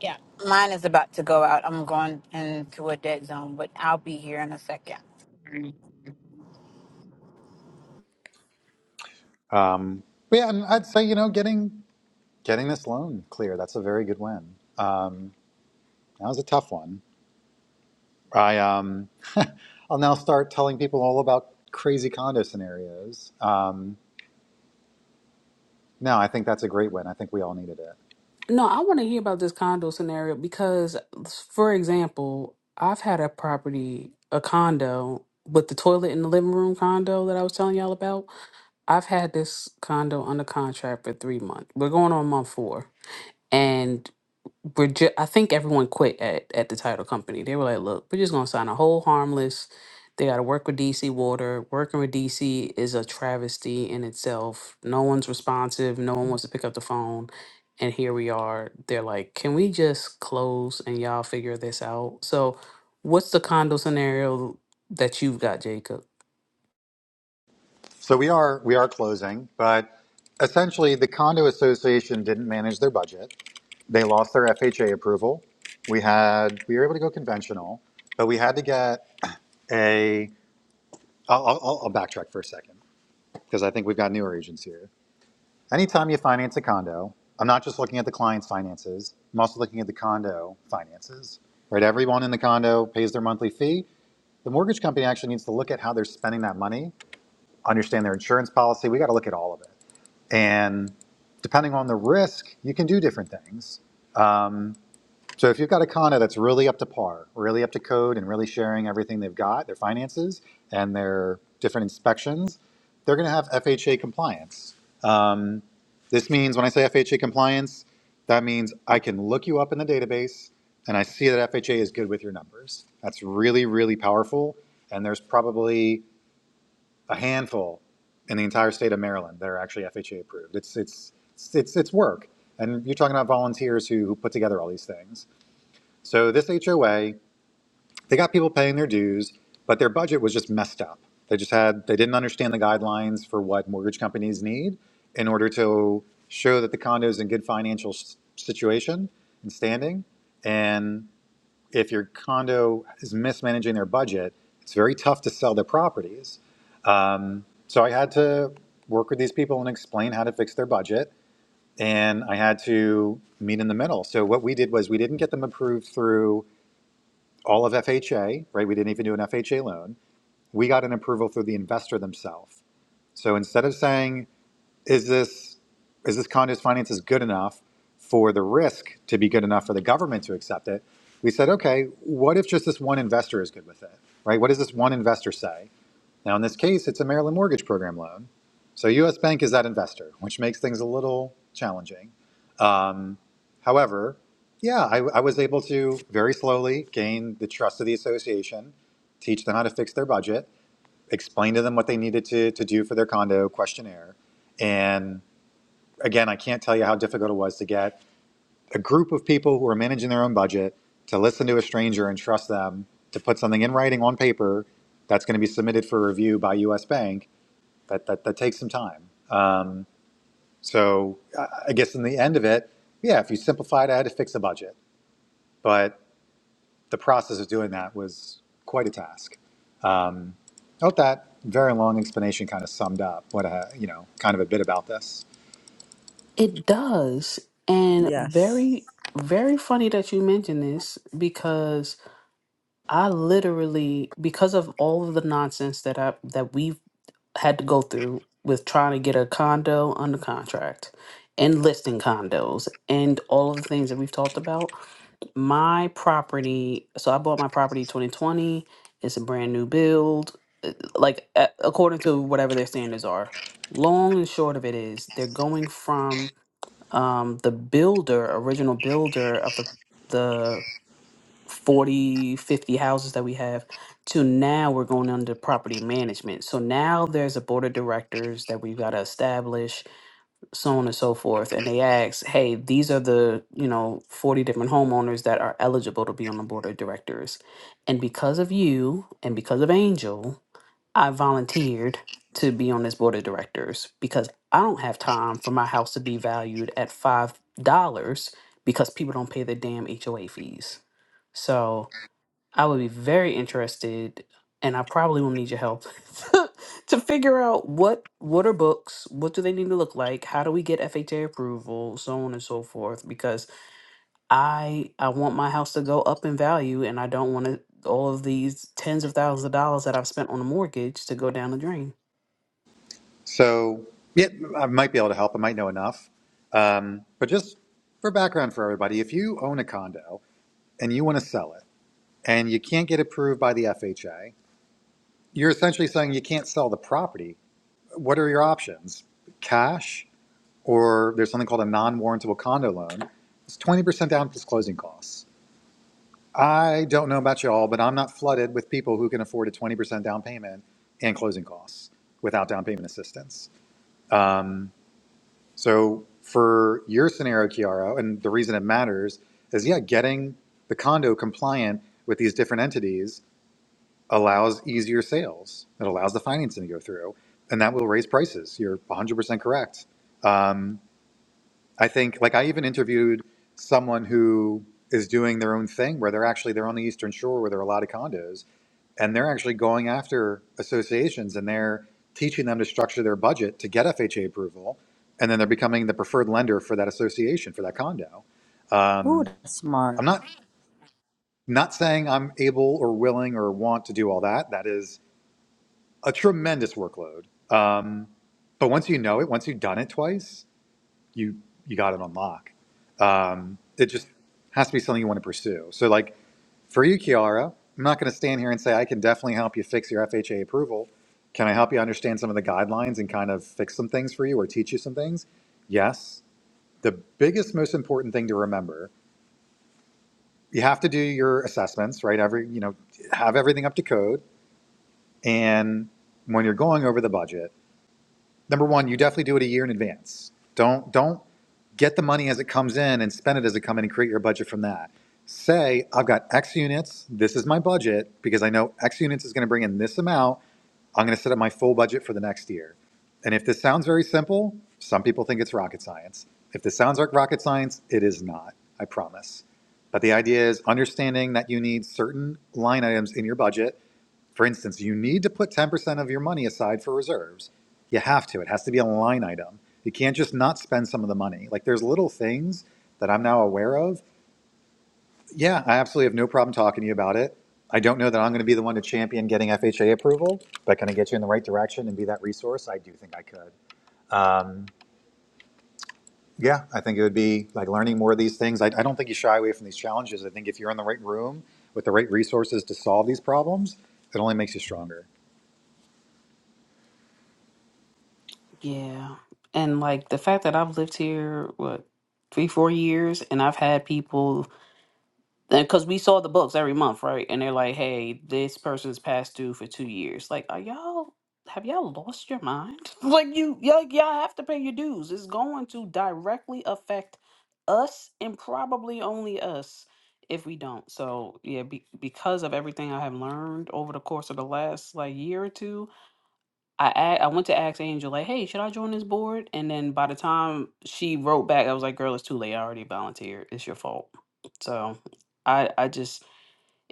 Yeah. Mine is about to go out. I'm going into a dead zone, but I'll be here in a second. Um, but yeah, and I'd say you know getting getting this loan clear that's a very good win. Um, that was a tough one. I um, I'll now start telling people all about crazy condo scenarios. Um, no, I think that's a great win. I think we all needed it. No, I want to hear about this condo scenario because, for example, I've had a property, a condo with the toilet in the living room condo that I was telling y'all about. I've had this condo under contract for three months. We're going on month four, and we're ju- I think everyone quit at, at the title company. They were like, look, we're just gonna sign a whole harmless. They gotta work with DC Water. Working with DC is a travesty in itself. No one's responsive, no one wants to pick up the phone. And here we are. They're like, can we just close and y'all figure this out? So what's the condo scenario that you've got, Jacob? So we are we are closing, but essentially the condo association didn't manage their budget. They lost their FHA approval. We had we were able to go conventional, but we had to get a. I'll, I'll, I'll backtrack for a second because I think we've got newer agents here. Anytime you finance a condo, I'm not just looking at the client's finances. I'm also looking at the condo finances. Right, everyone in the condo pays their monthly fee. The mortgage company actually needs to look at how they're spending that money, understand their insurance policy. We got to look at all of it. And depending on the risk, you can do different things. Um, so if you've got a condo that's really up to par, really up to code, and really sharing everything they've got, their finances and their different inspections, they're going to have FHA compliance. Um, this means when I say FHA compliance, that means I can look you up in the database and I see that FHA is good with your numbers. That's really, really powerful. And there's probably a handful in the entire state of Maryland that are actually FHA approved. It's it's it's it's, it's work, and you're talking about volunteers who, who put together all these things. So this HOA, they got people paying their dues, but their budget was just messed up. They just had they didn't understand the guidelines for what mortgage companies need in order to show that the condo is in good financial s- situation and standing. And if your condo is mismanaging their budget, it's very tough to sell their properties so I had to work with these people and explain how to fix their budget. And I had to meet in the middle. So what we did was we didn't get them approved through all of FHA, right? We didn't even do an FHA loan. We got an approval through the investor themselves. So instead of saying, is this is this condo's finances good enough for the risk to be good enough for the government to accept it? We said, okay, what if just this one investor is good with it? Right? What does this one investor say? Now, in this case, it's a Maryland mortgage program loan. So US Bank is that investor, which makes things a little challenging. Um, however, yeah, I, I was able to very slowly gain the trust of the association, teach them how to fix their budget, explain to them what they needed to, to do for their condo questionnaire. And again, I can't tell you how difficult it was to get a group of people who are managing their own budget to listen to a stranger and trust them to put something in writing on paper that's going to be submitted for review by US Bank that, that, that takes some time. So I guess in the end of it, yeah, if you simplified, I had to fix a budget, but the process of doing that was quite a task. Um, I hope that very long explanation kind of summed up what I, you know, kind of a bit about this. It does. And Yes. very, very funny that you mentioned this because I literally, because of all of the nonsense that I that we've had to go through with trying to get a condo under contract and listing condos and all of the things that we've talked about, my property, so I bought my property 2020. It's a brand new build, like a- according to whatever their standards are. Long and short of it is they're going from um the builder, original builder of the the 40 50 houses that we have to now we're going under property management so now there's a board of directors that we've got to establish so on and so forth and they ask hey these are the you know 40 different homeowners that are eligible to be on the board of directors and because of you and because of angel i volunteered to be on this board of directors because i don't have time for my house to be valued at five dollars because people don't pay their damn hoa fees so I would be very interested, and I probably will need your help (laughs) to figure out what what are books, what do they need to look like, how do we get FHA approval, so on and so forth. Because I I want my house to go up in value, and I don't want to, all of these tens of thousands of dollars that I've spent on a mortgage to go down the drain. So yeah, I might be able to help. I might know enough. Um, but just for background for everybody, if you own a condo and you want to sell it and you can't get approved by the FHA, you're essentially saying you can't sell the property what are your options? Cash, or there's something called a non-warrantable condo loan. It's twenty percent down plus closing costs. I don't know about y'all, but I'm not flooded with people who can afford a twenty percent down payment and closing costs without down payment assistance. Um, so for your scenario, Chiara, and the reason it matters is, yeah, getting the condo compliant with these different entities allows easier sales. It allows the financing to go through, and that will raise prices. You're 100% correct. Um, I think, like, I even interviewed someone who is doing their own thing where they're actually they're on the eastern shore where there are a lot of condos and they're actually going after associations and they're teaching them to structure their budget to get FHA approval, and then they're becoming the preferred lender for that association for that condo. Ooh, Um, that's I'm smart. not not saying I'm able or willing or want to do all that. That is a tremendous workload. Um, but once you know it, once you've done it twice, you you got it on lock. Um, it just has to be something you want to pursue. So, like for you, Kiara, I'm not going to stand here and say I can definitely help you fix your FHA approval. Can I help you understand some of the guidelines and kind of fix some things for you or teach you some things? Yes. The biggest, most important thing to remember, you have to do your assessments, right? Every you know, have everything up to code, and when you're going over the budget number one, you definitely do it a year in advance. Don't don't get the money as it comes in and spend it as it comes in and create your budget from that. Say, I've got X units, this is my budget, because I know X units is gonna bring in this amount. I'm gonna set up my full budget for the next year. And if this sounds very simple, some people think it's rocket science. If this sounds like rocket science, it is not, I promise. But the idea is understanding that you need certain line items in your budget for instance, you need to put 10% of your money aside for reserves. You have to. It has to be a line item. You can't just not spend some of the money. Like there's little things that I'm now aware of. Yeah, I absolutely have no problem talking to you about it. I don't know that I'm going to be the one to champion getting FHA approval, but can I get you in the right direction and be that resource? I do think I could. Um, yeah, I think it would be like learning more of these things. I, I don't think you shy away from these challenges. I think if you're in the right room with the right resources to solve these problems, it only makes you stronger. Yeah, and like the fact that I've lived here what three four years, and I've had people because we saw the books every month, right? And they're like, "Hey, this person's past due for two years." Like, are y'all have y'all lost your mind? (laughs) like, you y'all, y'all have to pay your dues. It's going to directly affect us and probably only us if we don't. So yeah, be, because of everything I have learned over the course of the last like year or two, I a- I went to ask Angel like, "Hey, should I join this board?" And then by the time she wrote back, I was like, "Girl, it's too late. I already volunteered. It's your fault." So, I I just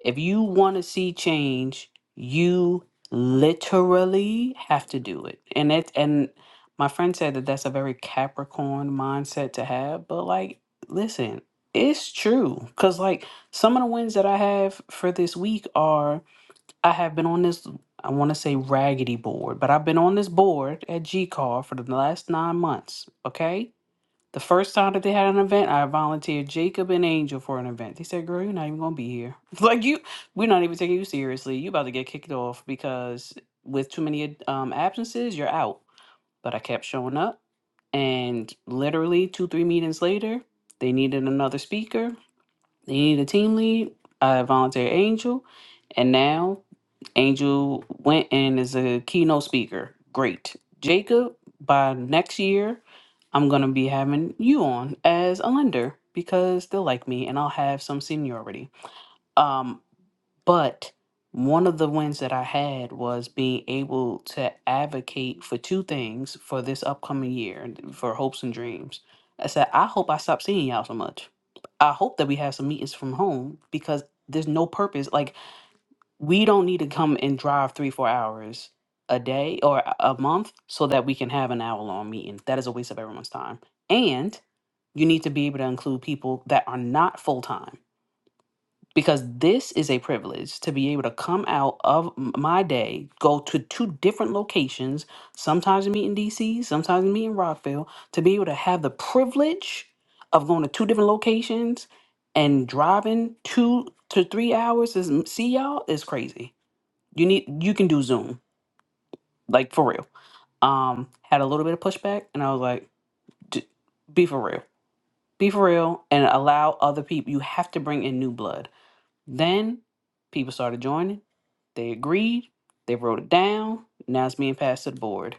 if you want to see change, you literally have to do it. And it and my friend said that that's a very Capricorn mindset to have, but like, listen, it's true cuz like some of the wins that I have for this week are I have been on this, I want to say raggedy board, but I've been on this board at G Car for the last nine months. Okay. The first time that they had an event, I volunteered Jacob and Angel for an event. They said, Girl, you're not even going to be here. (laughs) Like, you, we're not even taking you seriously. you about to get kicked off because with too many um, absences, you're out. But I kept showing up. And literally, two, three meetings later, they needed another speaker. They needed a team lead. I volunteered Angel, and now Angel went and is a keynote speaker. Great. Jacob, by next year, I'm going to be having you on as a lender because they'll like me and I'll have some seniority. Um, but one of the wins that I had was being able to advocate for two things for this upcoming year and for hopes and dreams. I said, I hope I stop seeing y'all so much. I hope that we have some meetings from home because there's no purpose. Like, we don't need to come and drive three, four hours a day or a a month so that we can have an hour long meeting. That is a waste of everyone's time. And you need to be able to include people that are not full time because this is a privilege to be able to come out of m- my day, go to two different locations, sometimes meet in DC, sometimes meet in Rockville, to be able to have the privilege of going to two different locations and driving two to three hours is see y'all is crazy. You need you can do Zoom like for real. Um, had a little bit of pushback, and I was like, "D- be for real, be for real, and allow other people. You have to bring in new blood then people started joining. They agreed. They wrote it down. Now it's being passed to the board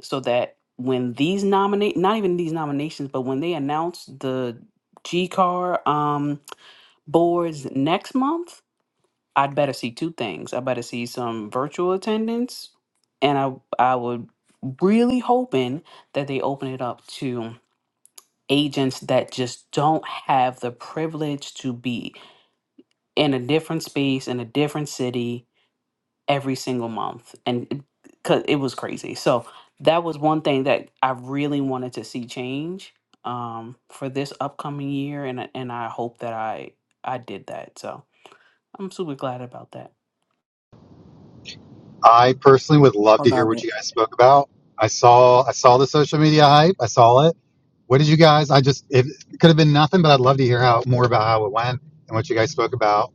so that when these nominate, not even these nominations, but when they announce the G Car um, boards next month, I'd better see two things. I better see some virtual attendance, and I I would really hoping that they open it up to agents that just don't have the privilege to be in a different space in a different city every single month and cuz it was crazy. So that was one thing that I really wanted to see change um for this upcoming year and I- and I hope that I I did that. So I'm super glad about that. I personally would love I to hear love what it. you guys spoke about. I saw I saw the social media hype. I saw it. What did you guys? I just it could have been nothing, but I'd love to hear how more about how it went and what you guys spoke about.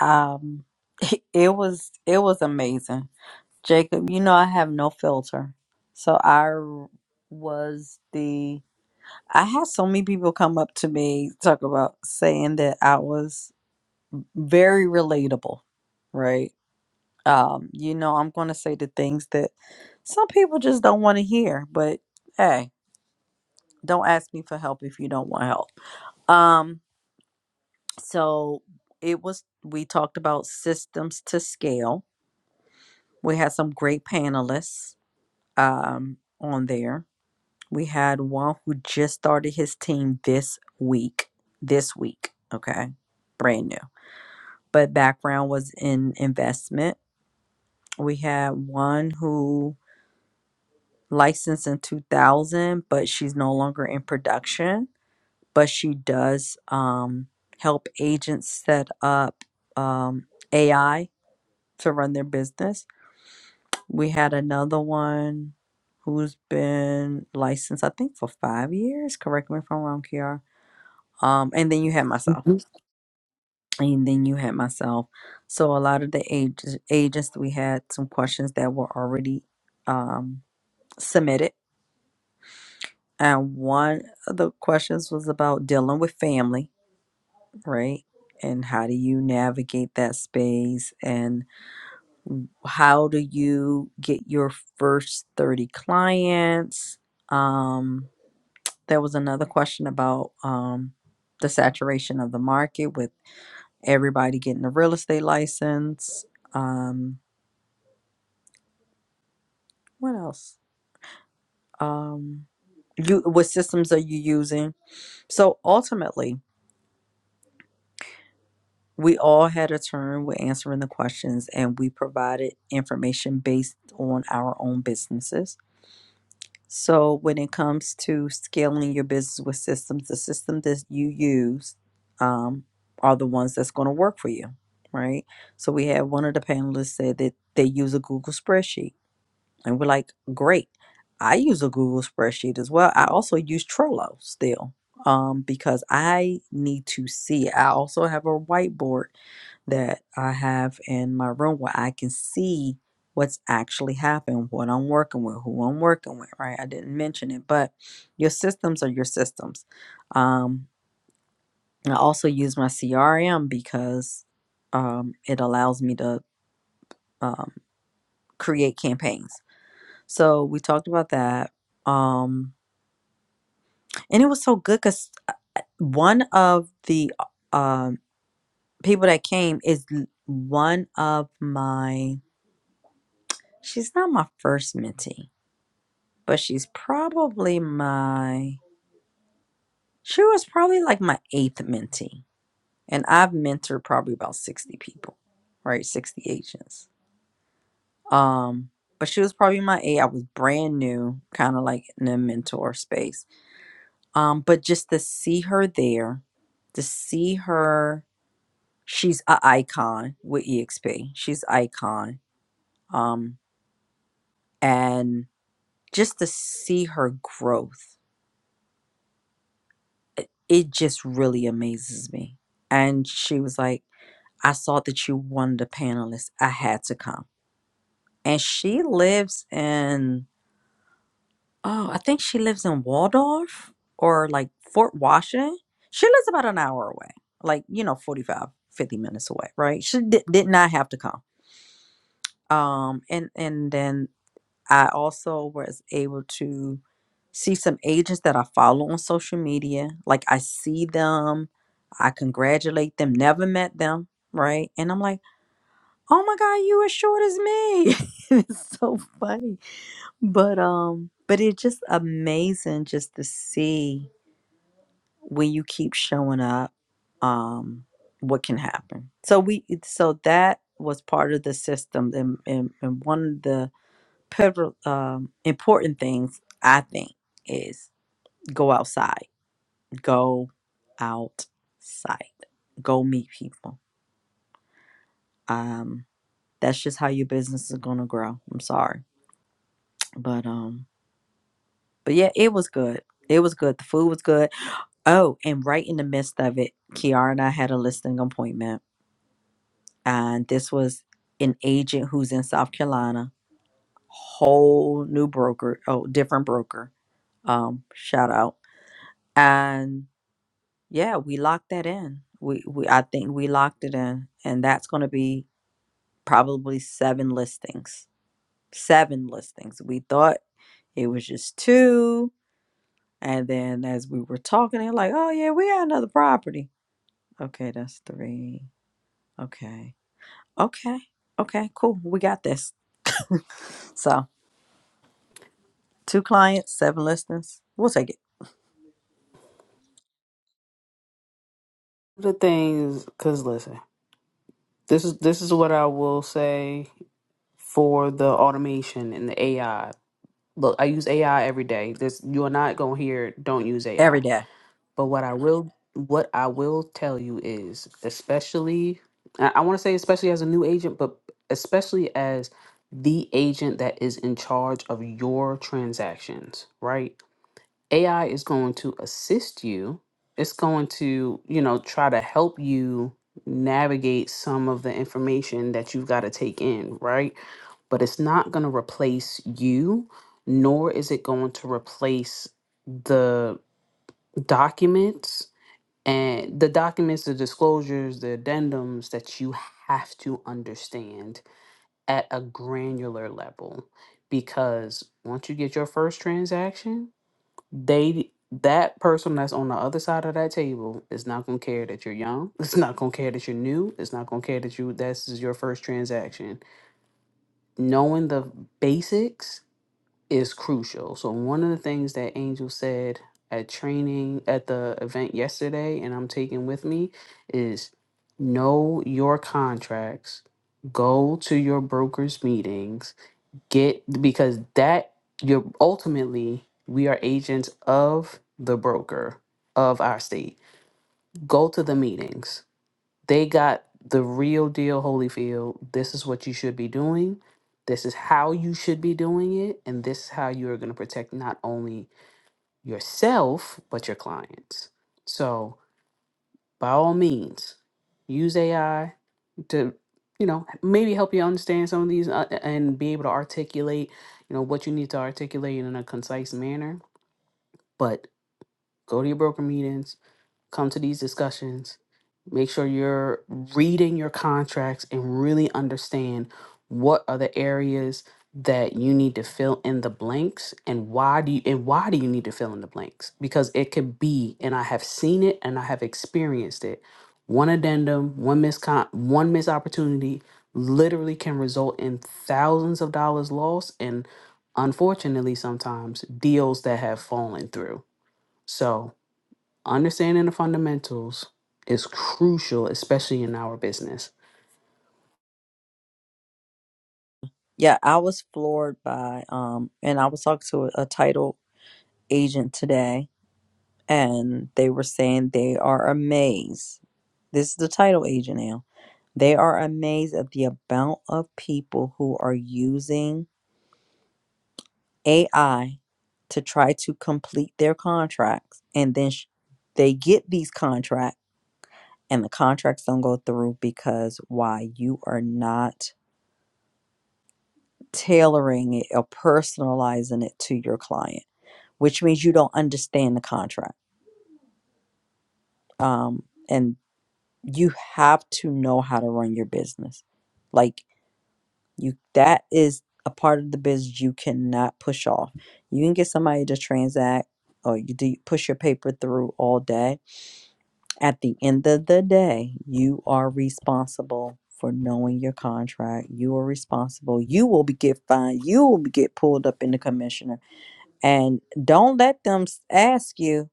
Um, (laughs) it was it was amazing. Jacob, you know I have no filter. So I was the I had so many people come up to me talk about saying that I was very relatable, right? Um, you know, I'm going to say the things that some people just don't want to hear, but hey, don't ask me for help if you don't want help. Um, so it was we talked about systems to scale. We had some great panelists um on there We had one who just started his team this week. This week, okay? Brand new. But background was in investment. We had one who licensed in 2000, but she's no longer in production, but she does um, help agents set up um, AI to run their business. We had another one who's been licensed, I think, for five years. Correct me if I'm wrong, Kiara um, and then you had myself, Mhm. and then you had myself. So a lot of the ages, agents we had some questions that were already um, submitted, and one of the questions was about dealing with family, right? And how do you navigate that space? And how do you get your first thirty clients? Um, there was another question about um, the saturation of the market with. everybody getting a real estate license. Um, what else? Um, you what systems are you using? So ultimately, we all had a turn with answering the questions, and we provided information based on our own businesses. So when it comes to scaling your business with systems, the system that you use um, are the ones that's going to work for you, right? So we had one of the panelists said that they use a Google spreadsheet And we're like, great. I use a Google spreadsheet as well. I also use Trello still um, because I need to see. I also have a whiteboard that I have in my room where I can see what's actually happened, what I'm working with, who I'm working with, right? I didn't mention it, but your systems are your systems. Um, I also use my CRM because um, it allows me to um, create campaigns so we talked about that. Um, and it was so good because one of the um people that came is l- one of my. She's not my first mentee, but she's probably my. She was probably like my eighth mentee, and I've mentored probably about sixty people, right? Sixty agents. Um, but she was probably my eight. I was brand new, kind of like in the mentor space um, but just to see her there, to see her, she's a icon with EXP. She's icon, um, and just to see her growth, it, it just really amazes me. And she was like, "I saw that you won the panelist. I had to come." And she lives in Oh, I think she lives in Waldorf or like Fort Washington. She lives about an hour away, like, you know, 45, 50 minutes away, right? She did, did not have to come. Um, and, and then I also was able to see some agents that I follow on social media. Like, I see them, I congratulate them, never met them, right? And I'm like, oh my God, you as short as me. (laughs) it's so funny but um, but it's just amazing just to see when you keep showing up, um, what can happen. So we it- so that was part of the system and and, and one of the pivotal um important things I think is go outside. Go outside. Go meet people. Um that's just how your business is gonna grow. I'm sorry. But um but yeah, it was good. It was good. The food was good Oh, and right in the midst of it, Kiara and I had a listing appointment, and this was an agent who's in South Carolina, whole new broker, oh, different broker. Um, shout out. And yeah, we locked that in. We, we I think we locked it in, and that's going to be probably seven listings. Seven listings. We thought it was just two, and then as we were talking, they're like, "Oh yeah, we got another property." Okay, that's three. Okay Okay. Okay. Cool. We got this. So, two clients, seven listings. We'll take it The things cuz listen, this is this is what I will say for the automation and the AI. Look, I use AI every day. This you are not going to hear don't use AI every day. But what I will what I will tell you is, especially I, I want to say especially as a new agent, but especially as the agent that is in charge of your transactions, right? AI is going to assist you. It's going to, you know, try to help you navigate some of the information that you've got to take in, right? But it's not going to replace you, nor is it going to replace the documents and the documents the disclosures the addendums that you have to understand at a granular level because once you get your first transaction they that person that's on the other side of that table is not going to care that you're young (laughs) it's not going to care that you're new it's not going to care that you this is your first transaction knowing the basics is crucial. So one of the things that Angel said at training at the event yesterday and I'm taking with me is know your contracts, go to your brokers meetings, get because that you're ultimately we are agents of the broker of our state. Go to the meetings they got the real deal Holyfield. This is what you should be doing. This is how you should be doing it. And this is how you are going to protect not only yourself, but your clients. So, by all means, use AI to, you know, maybe help you understand some of these uh, and be able to articulate, you know, what you need to articulate in a concise manner. But go to your broker meetings, come to these discussions. Make sure you're reading your contracts and really understand what are the areas that you need to fill in the blanks and why do you and why do you need to fill in the blanks? Because it could be, and I have seen it and I have experienced it. One addendum, one miss con- one missed opportunity literally can result in thousands of dollars lost and unfortunately sometimes deals that have fallen through. So Understanding the fundamentals is crucial, especially in our business. Yeah, I was floored by um, and I was talking to a, a title agent today, and they were saying they are amazed. This is the title agent now. They are amazed at the amount of people who are using AI to try to complete their contracts, and then sh- they get these contracts. and the contracts don't go through because why you are not tailoring it or personalizing it to your client which means you don't understand the contract um, and you have to know how to run your business like you that is a part of the business you cannot push off you can get somebody to transact or you do push your paper through all day At the end of the day, you are responsible for knowing your contract. You are responsible. You will be get fined. You will be get pulled up in the commissioner. And don't let them s- ask you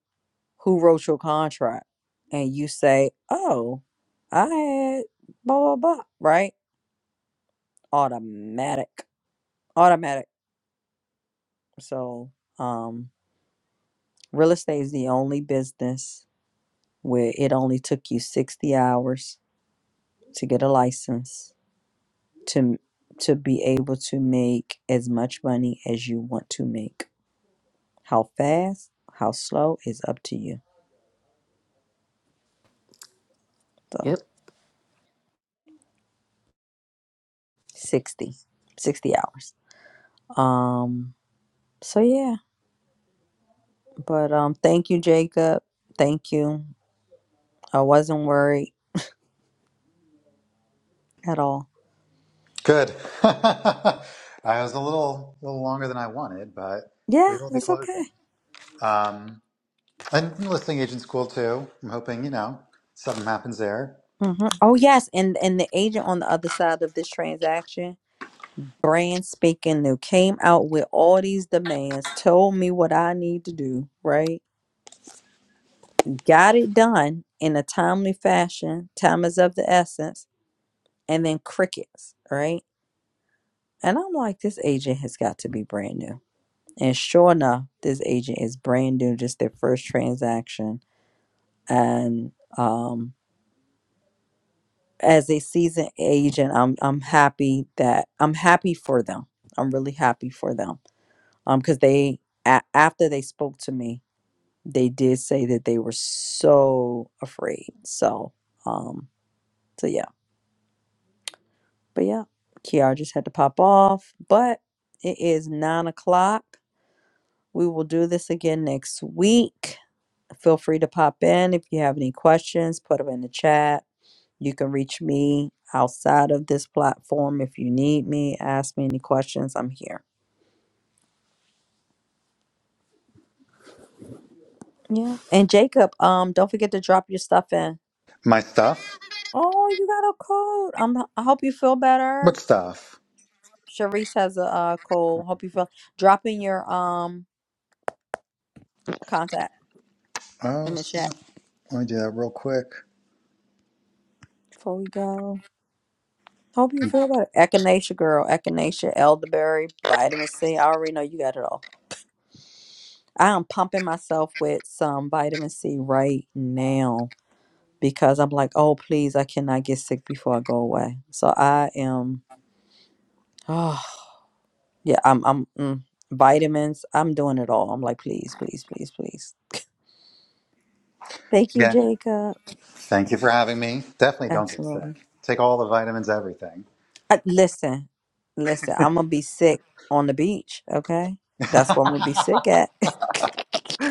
who wrote your contract. And you say, oh, I had blah, blah, blah, right? Automatic. Automatic. So, um, real estate is the only business where it only took you 60 hours to get a license to to be able to make as much money as you want to make. How fast, how slow is up to you. So Yep. 60, 60 hours. Um so yeah, but um thank you Jacob. Thank you. I wasn't worried at all. Good. (laughs) I was a little little longer than I wanted, but we Yeah, will be it's closing. okay. Um, and listing agent's cool too. I'm hoping you know something happens there. hmm Oh yes, and and the agent on the other side of this transaction, brand speaking, who came out with all these demands, told me what I need to do, right? got it done in a timely fashion. Time is of the essence. And then crickets, right? And I'm like, this agent has got to be brand new. And sure enough, this agent is brand new, just their first transaction. And um, as a seasoned agent, I'm I'm happy that I'm happy for them. I'm really happy for them. Um, because they a- after they spoke to me, they did say that they were so afraid. So um, so yeah. But yeah, Kiara just had to pop off. But it is nine o'clock. We will do this again next week. Feel free to pop in if you have any questions, put them in the chat. You can reach me outside of this platform if you need me. Ask me any questions. I'm here. Yeah. And Jacob, um, don't forget to drop your stuff in. My stuff. Oh, you got a cold. Um, I hope you feel better. What stuff? Sharice has a uh, cold. Hope you feel. Drop in your um contact Oh, in the chat snap. let me do that real quick. before we go. Hope you feel better. Echinacea, girl. Echinacea, elderberry, vitamin C. I already know you got it all. I am pumping myself with some vitamin C right now because I'm like, oh please, I cannot get sick before I go away. So I am. (sighs) Oh yeah, I'm. I'm mm, vitamins. I'm doing it all. I'm like, please, please, please, please. Thank you, Yeah. Jacob. Thank you for having me. Definitely don't get Absolutely. sick. Take all the vitamins, everything. I, listen, listen. I'm gonna be sick on the beach. Okay, (laughs) that's what I'm gonna be sick at. (laughs)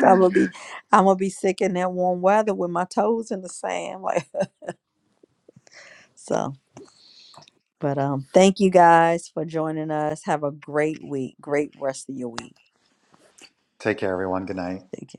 I'm gonna be, I'm gonna be sick in that warm weather with my toes in the sand. Like (laughs) so. But um, thank you guys for joining us. Have a great week. Great rest of your week. Take care, everyone. Good night. Take care.